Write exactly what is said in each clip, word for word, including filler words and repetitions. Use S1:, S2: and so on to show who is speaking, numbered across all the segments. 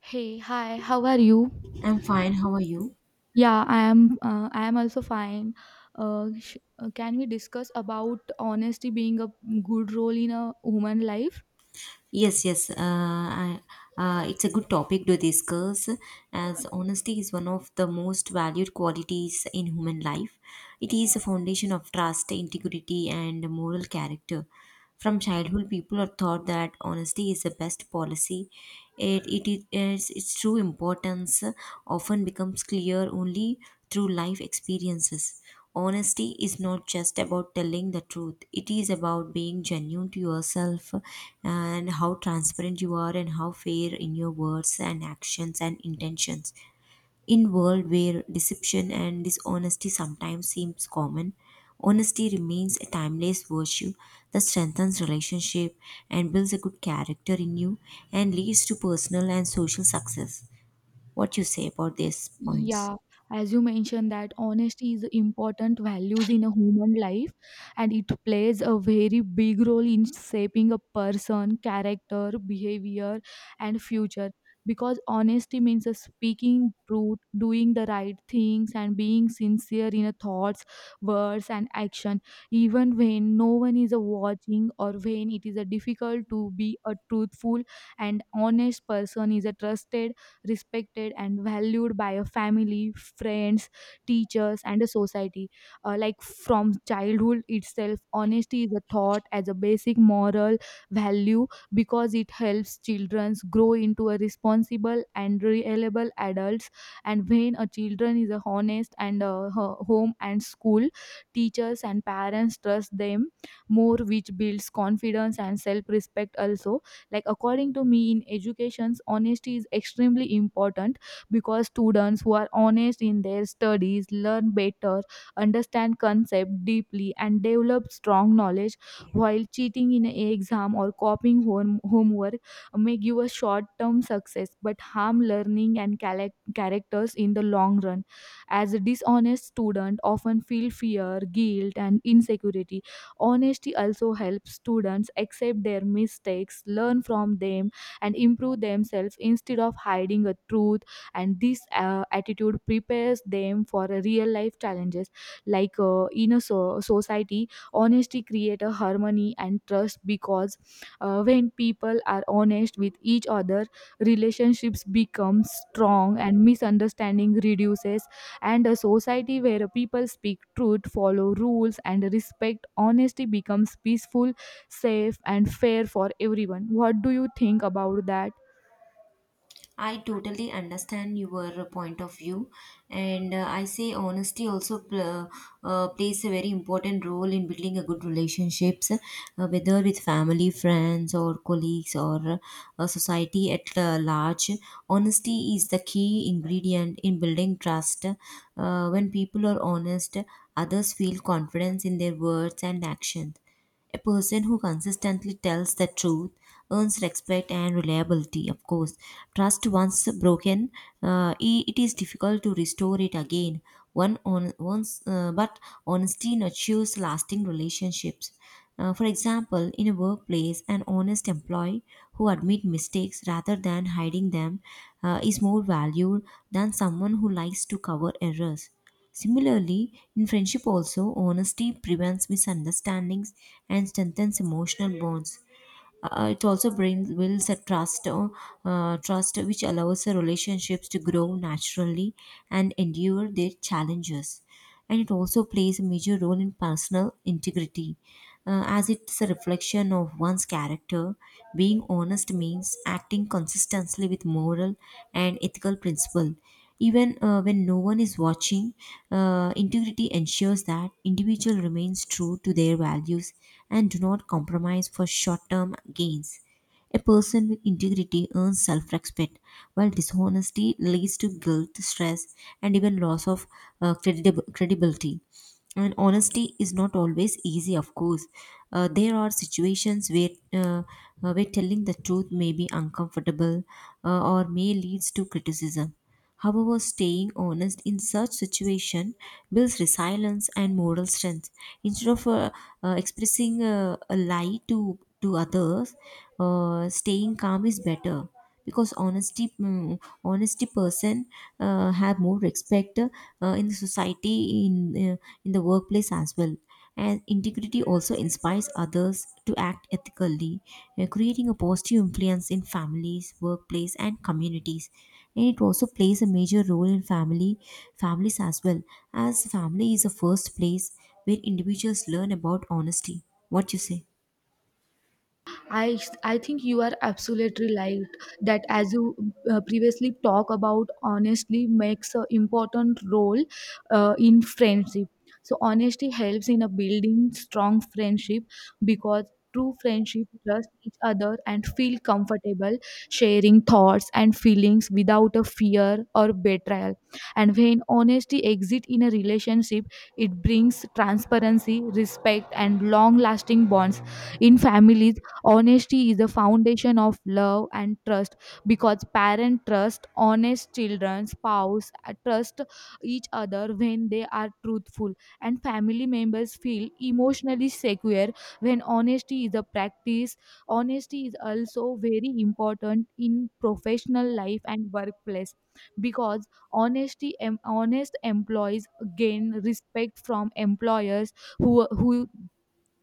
S1: Hey, hi, how are you?
S2: I'm fine. How are you?
S1: Yeah, I am uh, I am also fine. Uh, sh- uh, can we discuss about honesty being a good role in a human life?
S2: Yes, yes. Uh, I, uh, it's a good topic to discuss as honesty is one of the most valued qualities in human life. It is a foundation of trust, integrity, and moral character. From childhood, people are taught that honesty is the best policy. It, it, it is, its true importance often becomes clear only through life experiences. Honesty is not just about telling the truth, it is about being genuine to yourself and how transparent you are and how fair in your words and actions and intentions. In world where deception and dishonesty sometimes seems common, honesty remains a timeless virtue that strengthens relationship and builds a good character in you and leads to personal and social success. What you say about these points?
S1: Yeah, as you mentioned that honesty is important values in a human life and it plays a very big role in shaping a person, character, behavior and future because honesty means a speaking truth, doing the right things and being sincere in a thoughts, words and action even when no one is a watching or when it is a difficult to be a truthful and honest person is a trusted respected and valued by a family, friends, teachers, and a society. Uh, like from childhood itself, honesty is a thought as a basic moral value because it helps children grow into a responsible and reliable adults. And when a children is a honest and uh, ho- home and school, teachers and parents trust them more, which builds confidence and self-respect also like according to me in educations honesty is extremely important because students who are honest in their studies learn better understand concept deeply and develop strong knowledge while cheating in an exam or copying home- homework may give a short term success but harm learning and cala- characters in the long run as a dishonest student often feel fear guilt and insecurity. Honesty also helps students accept their mistakes, learn from them, and improve themselves instead of hiding a truth. And this uh, attitude prepares them for a real life challenges like uh, in a so- society. Honesty creates a harmony and trust because uh, when people are honest with each other, relationships become strong and misunderstanding reduces and a society where people speak truth, follow rules, and respect honesty becomes peaceful, safe, and fair for everyone. What do you think about that?
S2: I totally understand your point of view, and uh, I say honesty also pl- uh, plays a very important role in building a good relationships, uh, whether with family, friends, or colleagues, or uh, society at uh, large. Honesty is the key ingredient in building trust. Uh, when people are honest, others feel confidence in their words and actions a person who consistently tells the truth earns respect and reliability, of course. Trust once broken, uh, i- it is difficult to restore it again. One on once, uh, but honesty nurtures lasting relationships. Uh, for example, in a workplace, an honest employee who admits mistakes rather than hiding them uh, is more valued than someone who likes to cover errors. Similarly, in friendship also, honesty prevents misunderstandings and strengthens emotional bonds. Uh, it also brings builds a trust, uh, uh, trust which allows the relationships to grow naturally and endure their challenges. And it also plays a major role in personal integrity, uh, as it's a reflection of one's character. Being honest means acting consistently with moral and ethical principle even uh, when no one is watching, uh, integrity ensures that individual remains true to their values and do not compromise for short-term gains. A person with integrity earns self-respect, while dishonesty leads to guilt, stress, and even loss of uh, credib- credibility, and honesty is not always easy, of course. Uh, there are situations where uh, uh, where telling the truth may be uncomfortable, uh, or may leads to criticism. However, staying honest in such situation builds resilience and moral strength instead of uh, uh, expressing uh, a lie to to others. Uh, staying calm is better because honesty mm, honesty person uh, have more respect uh, in the society, in uh, in the workplace as well. And integrity also inspires others to act ethically, uh, creating a positive influence in families, workplace, and communities. And it also plays a major role in family families as well, as family is the first place where individuals learn about honesty. What you say?
S1: I I think you are absolutely right that as you uh, previously talk about honestly makes an important role uh, in friendship so honesty helps in a building strong friendship because true friendship trust each other and feel comfortable sharing thoughts and feelings without a fear or betrayal and when honesty exists in a relationship it brings transparency respect and long lasting bonds in families. Honesty is the foundation of love and trust because parents trust honest children, spouse uh, trust each other when they are truthful, and family members feel emotionally secure when honesty is a practice. Honesty is also very important in professional life and workplace because honesty em- honest employees gain respect from employers who who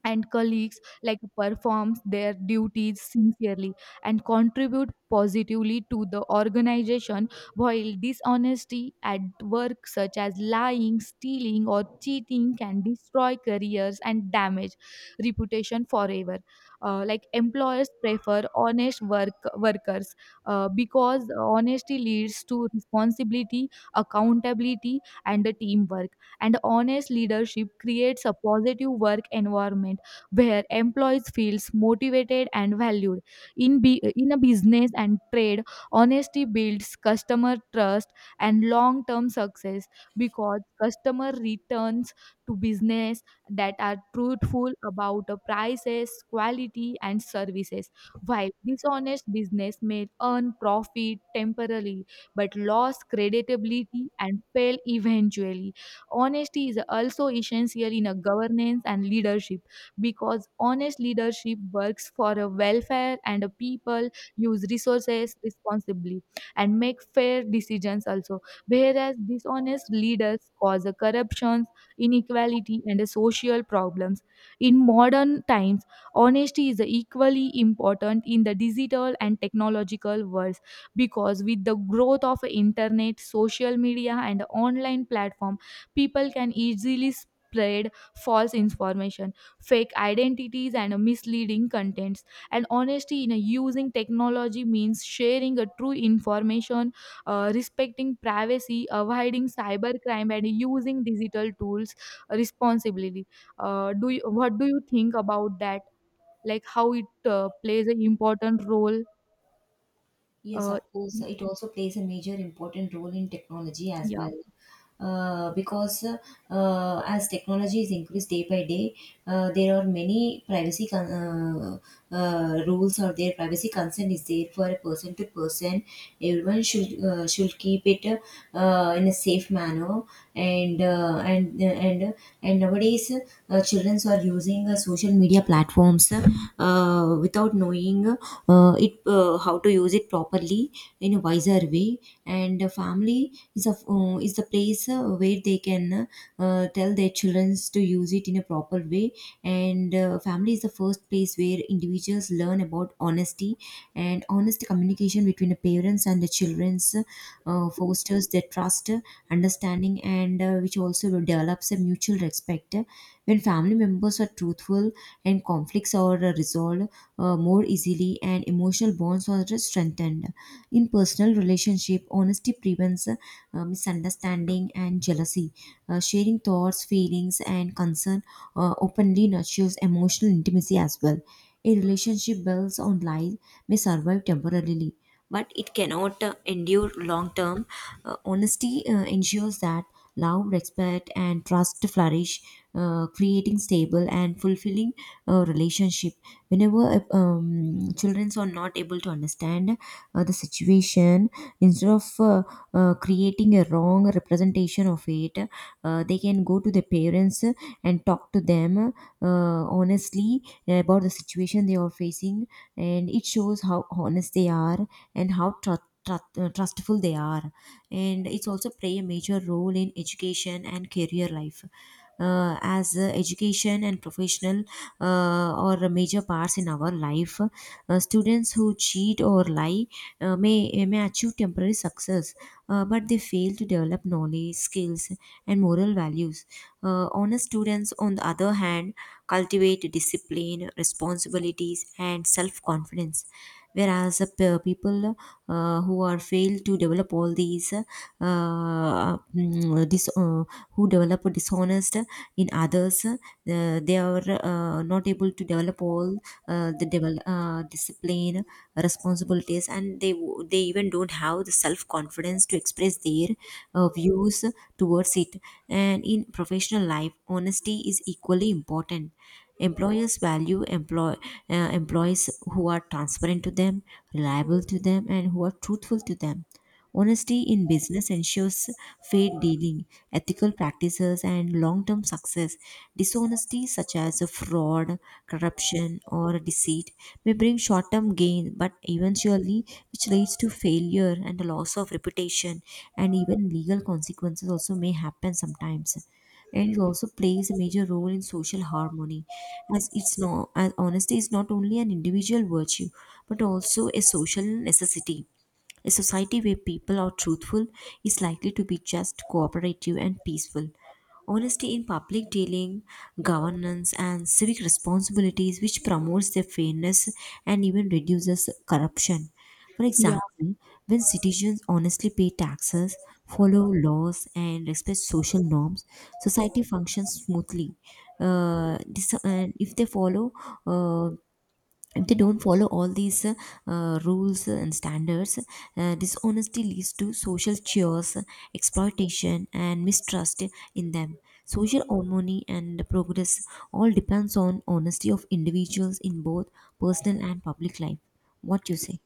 S1: and colleagues like performs their duties sincerely and contribute positively to the organization while dishonesty at work such as lying stealing or cheating can destroy careers and damage reputation forever. Uh, like employers prefer honest work workers uh, because honesty leads to responsibility accountability and the teamwork and honest leadership creates a positive work environment where employees feels motivated and valued. In, be, in a business and trade, honesty builds customer trust and long-term success because customer returns to business that are truthful about the prices, quality, and services. While dishonest business may earn profit temporarily but lose credibility and fail eventually. Honesty is also essential in a governance and leadership because honest leadership works for a welfare and a people use resources responsibly and make fair decisions also whereas dishonest leaders cause a corruptions inequality and a social problems in modern times honesty is equally important in the digital and technological worlds because with the growth of internet social media and online platform people can easily spread false information fake identities and uh, misleading contents and honesty in uh, using technology means sharing a true information uh, respecting privacy avoiding cybercrime and using digital tools responsibly. Uh, do you, what do you think about that like how it uh, plays an important role?
S2: Yes, of
S1: uh,
S2: course. It also plays a major important role in technology as
S1: yeah.
S2: well. Uh, because uh, uh, As technology is increased day by day, uh, there are many privacy con- uh, uh, rules or their privacy consent is there for a person to person. Everyone should uh, should keep it uh, in a safe manner, and uh, and and and nowadays uh, children are using uh, social media platforms Uh, uh, without knowing uh, it uh, how to use it properly in a wiser way. And the family is a uh, is the place uh, where they can uh, tell their children to use it in a proper way. And uh, family is the first place where individuals learn about honesty, and honest communication between the parents and the children's uh, fosters their trust, understanding, and uh, which also develops a mutual respect. When family members are truthful, and conflicts are resolved uh, more easily, and emotional bonds are strengthened. In personal relationship, honesty prevents uh, misunderstanding and jealousy. Uh, sharing thoughts, feelings, and concern uh, openly nurtures emotional intimacy as well. A relationship built on lies may survive temporarily, but it cannot uh, endure long term. Uh, honesty uh, ensures that love, respect, and trust flourish, uh, creating stable and fulfilling uh, relationship. Whenever um, children are not able to understand uh, the situation, instead of uh, uh, creating a wrong representation of it, uh, they can go to the parents and talk to them uh, honestly about the situation they are facing, and it shows how honest they are and how tru- tru- uh, trustful they are. And it's also play a major role in education and career life, uh, as uh, education and professional uh, or major parts in our life. Uh, students who cheat or lie uh, may, may achieve temporary success, uh, but they fail to develop knowledge, skills, and moral values. Uh, honest students, on the other hand, cultivate discipline, responsibilities, and self confidence. Whereas uh, pe- people uh, who are failed to develop all these, uh, mm, dis- uh, who develop dishonest in others, uh, they are uh, not able to develop all uh, the devel- uh, discipline, responsibilities, and they w- they even don't have the self confidence to express their uh, views towards it. And in professional life, honesty honesty is equally important. Employers value employ, uh, employees who are transparent to them, reliable to them, and who are truthful to them. Honesty in business ensures fair dealing, ethical practices, and long term success. Dishonesty, such as fraud, corruption, or deceit, may bring short term gain, but eventually, which leads to failure and the loss of reputation, and even legal consequences also may happen sometimes. And it also plays a major role in social harmony, as it's no as honesty is not only an individual virtue but also a social necessity. A society where people are truthful is likely to be just, cooperative, and peaceful. Honesty in public dealing, governance, and civic responsibilities, which promotes their fairness and even reduces corruption. For
S1: Yeah.
S2: example, when citizens honestly pay taxes, follow laws, and respect social norms, society functions smoothly. Uh, this, and if they follow uh, if they don't follow all these uh, uh, rules and standards, uh, dishonesty leads to social cheers, exploitation, and mistrust in them. Social harmony and progress all depends on honesty of individuals in both personal and public life. What you say?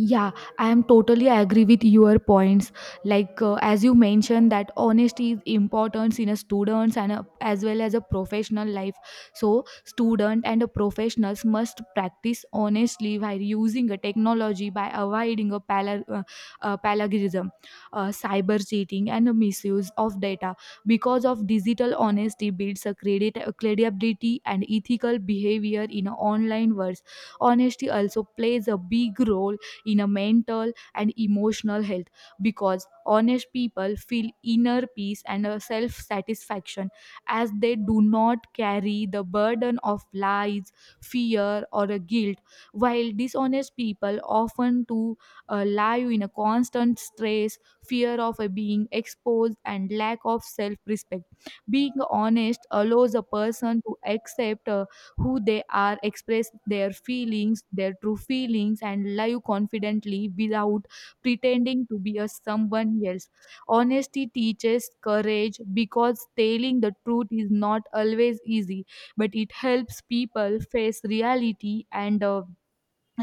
S1: Yeah, I am totally agree with your points. Like uh, as you mentioned that honesty is important in a students and a, as well as a professional life. So student and a professionals must practice honestly by using a technology by avoiding a pala- uh, uh, plagiarism, uh, cyber cheating, and a misuse of data. Because of digital honesty builds a credit a credibility and ethical behavior in a online world. Honesty also plays a big role in a mental and emotional health because honest people feel inner peace and a self satisfaction as they do not carry the burden of lies fear or a guilt while dishonest people often to uh, live in a constant stress fear of uh, being exposed and lack of self respect being honest allows a person to accept uh, who they are, express their feelings, their true feelings, and live confidently without pretending to be a someone else. Honesty teaches courage because telling the truth is not always easy, but it helps people face reality and uh,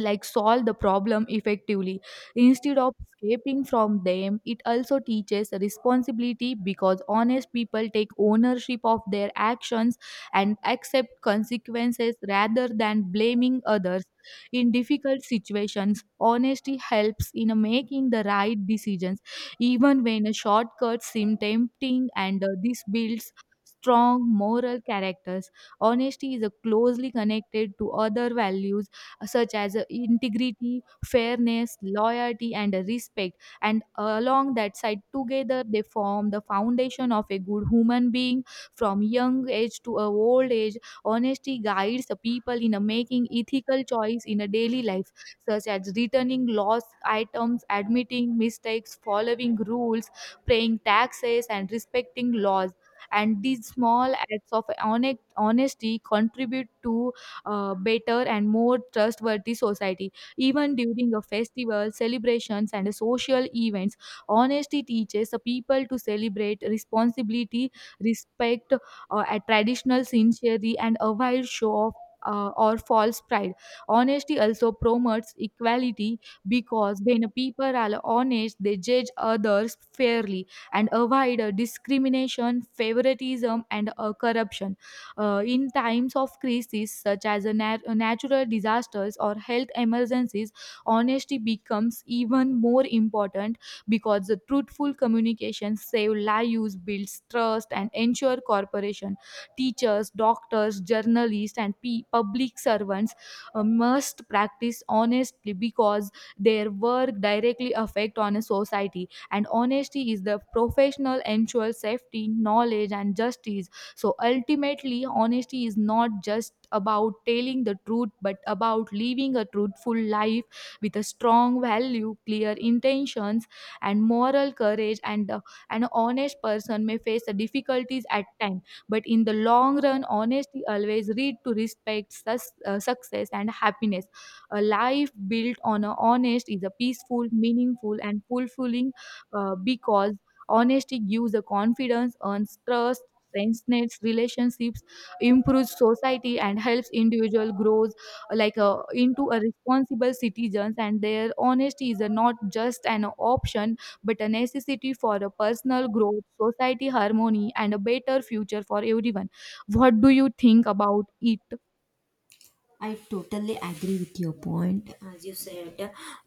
S1: like solve the problem effectively instead of escaping from them. It also teaches responsibility because honest people take ownership of their actions and accept consequences rather than blaming others. In difficult situations honesty helps in making the right decisions even when a shortcut seems tempting and uh, this builds strong moral characters. Honesty is uh, closely connected to other values such as uh, integrity, fairness, loyalty, and respect. And along that side, together they form the foundation of a good human being. From young age to a old age, honesty guides the people in a making ethical choice in a daily life, such as returning lost items, admitting mistakes, following rules, paying taxes, and respecting laws. And these small acts of honest- honesty contribute to a better and more trustworthy society. Even during a festival, celebrations, and social events, honesty teaches the people to celebrate responsibility, respect, uh, a traditional sincerity, and avoid show of uh, or false pride. Honesty also promotes equality because when people are honest, they judge others fairly and avoid uh, discrimination, favoritism, and uh, corruption. Uh, in times of crises such as a nat- natural disasters or health emergencies, honesty becomes even more important because the truthful communication saves lives, builds trust, and ensure corporation. Teachers, doctors, journalists, and pe- public servants uh, must practice honestly because their work directly affect on a society and honesty is the professional ensures safety knowledge and justice so ultimately, honesty is not just about telling the truth, but about living a truthful life with a strong value, clear intentions, and moral courage. And uh, An honest person may face the difficulties at times, but in the long run, honesty always leads to respect, sus- uh, success, and happiness. A life built on a honest is a peaceful, meaningful, and fulfilling uh, because honesty gives the confidence, earns trust strengthens relationships, improves society, and helps individual grows uh, like uh, into a responsible citizens. And their honesty is a not just an option but a necessity for a personal growth, society harmony, and a better future for everyone. What do you think about it?
S2: I totally agree with your point. As you said,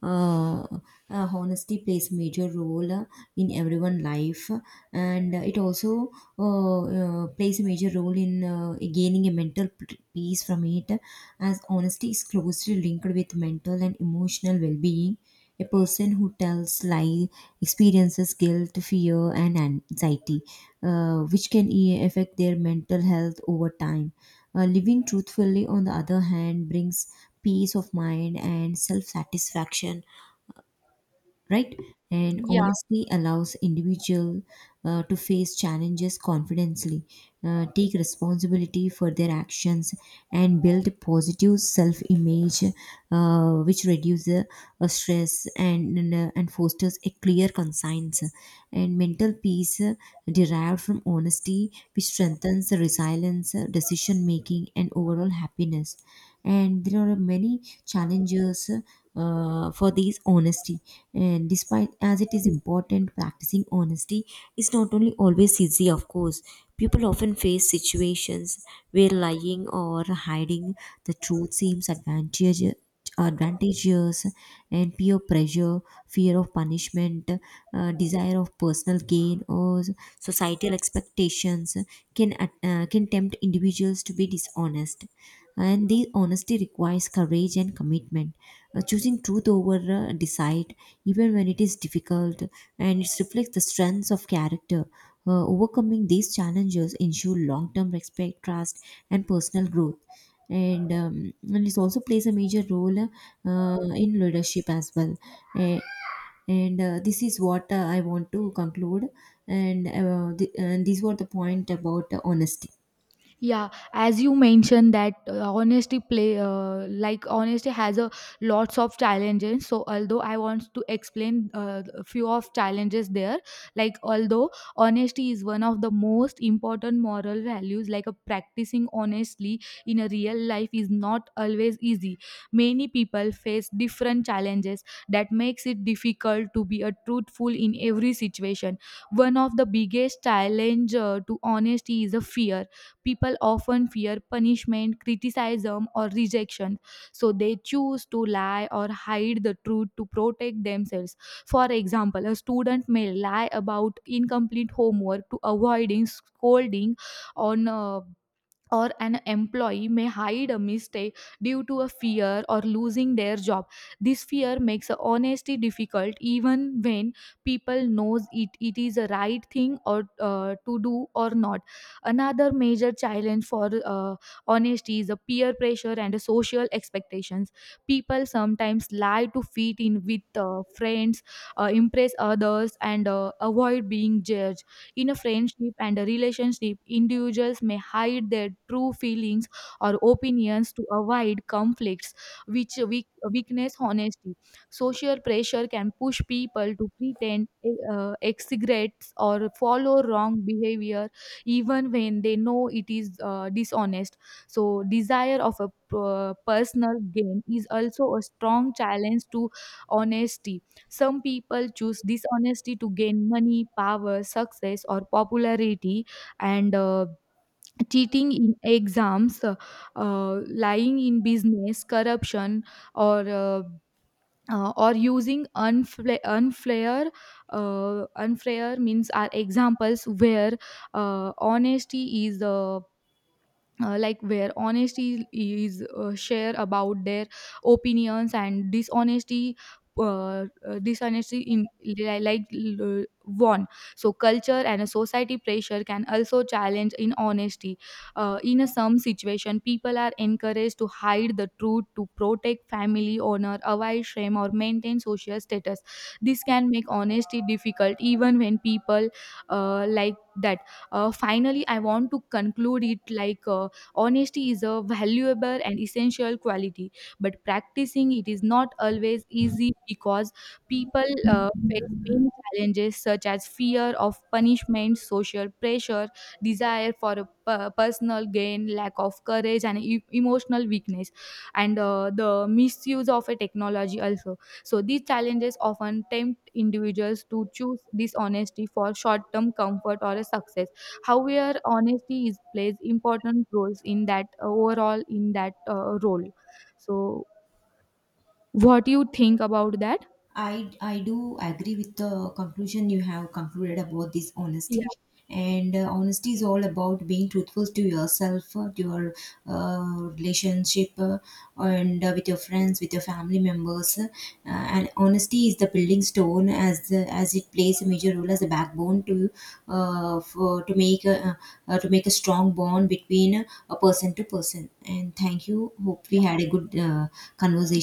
S2: uh, uh, honesty plays major role uh, in everyone life, and uh, it also uh, uh, plays a major role in uh, gaining a mental p- peace from it. As honesty is closely linked with mental and emotional well-being, a person who tells lie experiences guilt, fear, and anxiety, uh, which can e- affect their mental health over time. Uh, living truthfully, on the other hand, brings peace of mind and self satisfaction, right? And
S1: Yeah.
S2: honesty allows individual uh, to face challenges confidently, uh, take responsibility for their actions, and build positive self-image, uh, which reduces uh, stress and and, uh, and fosters a clear conscience. And mental peace uh, derived from honesty, which strengthens the resilience, uh, decision making, and overall happiness. And there are many challenges uh, for these honesty. And despite as it is important, practicing honesty is not only always easy, of course. People often face situations where lying or hiding the truth seems advantageous advantageous, and peer pressure, fear of punishment, uh, desire of personal gain, or societal expectations can at- uh, can tempt individuals to be dishonest. And the honesty requires courage and commitment. Uh, choosing truth over uh, decide, even when it is difficult, and it reflects the strengths of character. Uh, overcoming these challenges ensure long-term respect, trust, and personal growth. And, um, and it also plays a major role uh, uh, in leadership as well. Uh, and uh, This is what uh, I want to conclude, and, uh, the, and these were the point about uh, honesty.
S1: Yeah as you mentioned that uh, honesty play uh, like honesty has a lots of challenges so although I want to explain uh, a few of challenges there like although honesty is one of the most important moral values like a practicing honestly in a real life is not always easy many people face different challenges that makes it difficult to be a truthful in every situation. One of the biggest challenge uh, to honesty is a fear. People often fear punishment, criticism, or rejection, so they choose to lie or hide the truth to protect themselves. For example, a student may lie about incomplete homework to avoiding scolding on uh, or an employee may hide a mistake due to a fear or losing their job. This fear makes honesty difficult even when people knows it, it is a right thing or uh, to do or not. Another major challenge for uh, honesty is a peer pressure and social expectations. People sometimes lie to fit in with uh, friends, uh, impress others and uh, avoid being judged in a friendship and a relationship. Individuals may hide their true feelings or opinions to avoid conflicts, which weak, weakness honesty. Social pressure can push people to pretend, eh, uh, exaggerate, or follow wrong behavior, even when they know it is uh, dishonest. So, desire of a p- personal gain is also a strong challenge to honesty. Some people choose dishonesty to gain money, power, success, or popularity, and uh, cheating in exams, uh, uh, lying in business, corruption, or uh, uh, or using unfla- unfair uh, unfair means are examples where uh, honesty is uh, uh, like where honesty is uh, share about their opinions and dishonesty uh, uh, dishonesty in li- like l- one. So culture and a society pressure can also challenge in honesty uh, in a some situation people are encouraged to hide the truth to protect family honor avoid shame or maintain social status. This can make honesty difficult even when people uh, like that. Uh, finally I want to conclude it like uh, honesty is a valuable and essential quality, but practicing it is not always easy because people uh, face many challenges such as fear of punishment, social pressure, desire for a per- personal gain, lack of courage, and e- emotional weakness, and uh, the misuse of a technology also. So these challenges often tempt individuals to choose dishonesty for short-term comfort or a success however honesty is plays important roles in that uh, overall in that uh, role. So what do you think about that?
S2: I, I do agree with the conclusion you have concluded about this
S1: Yeah.
S2: honesty. And uh, honesty is all about being truthful to yourself, uh, to your uh, relationship, uh, and uh, with your friends, with your family members. Uh, and honesty is the building stone, as the, as it plays a major role as a backbone to uh, for, to make a, uh, to make a strong bond between a person to person. And thank you. Hope we had a
S1: Yeah,
S2: good uh,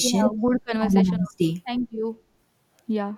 S1: we have good
S2: Have a
S1: conversation.
S2: nice day.
S1: Thank you. Yeah.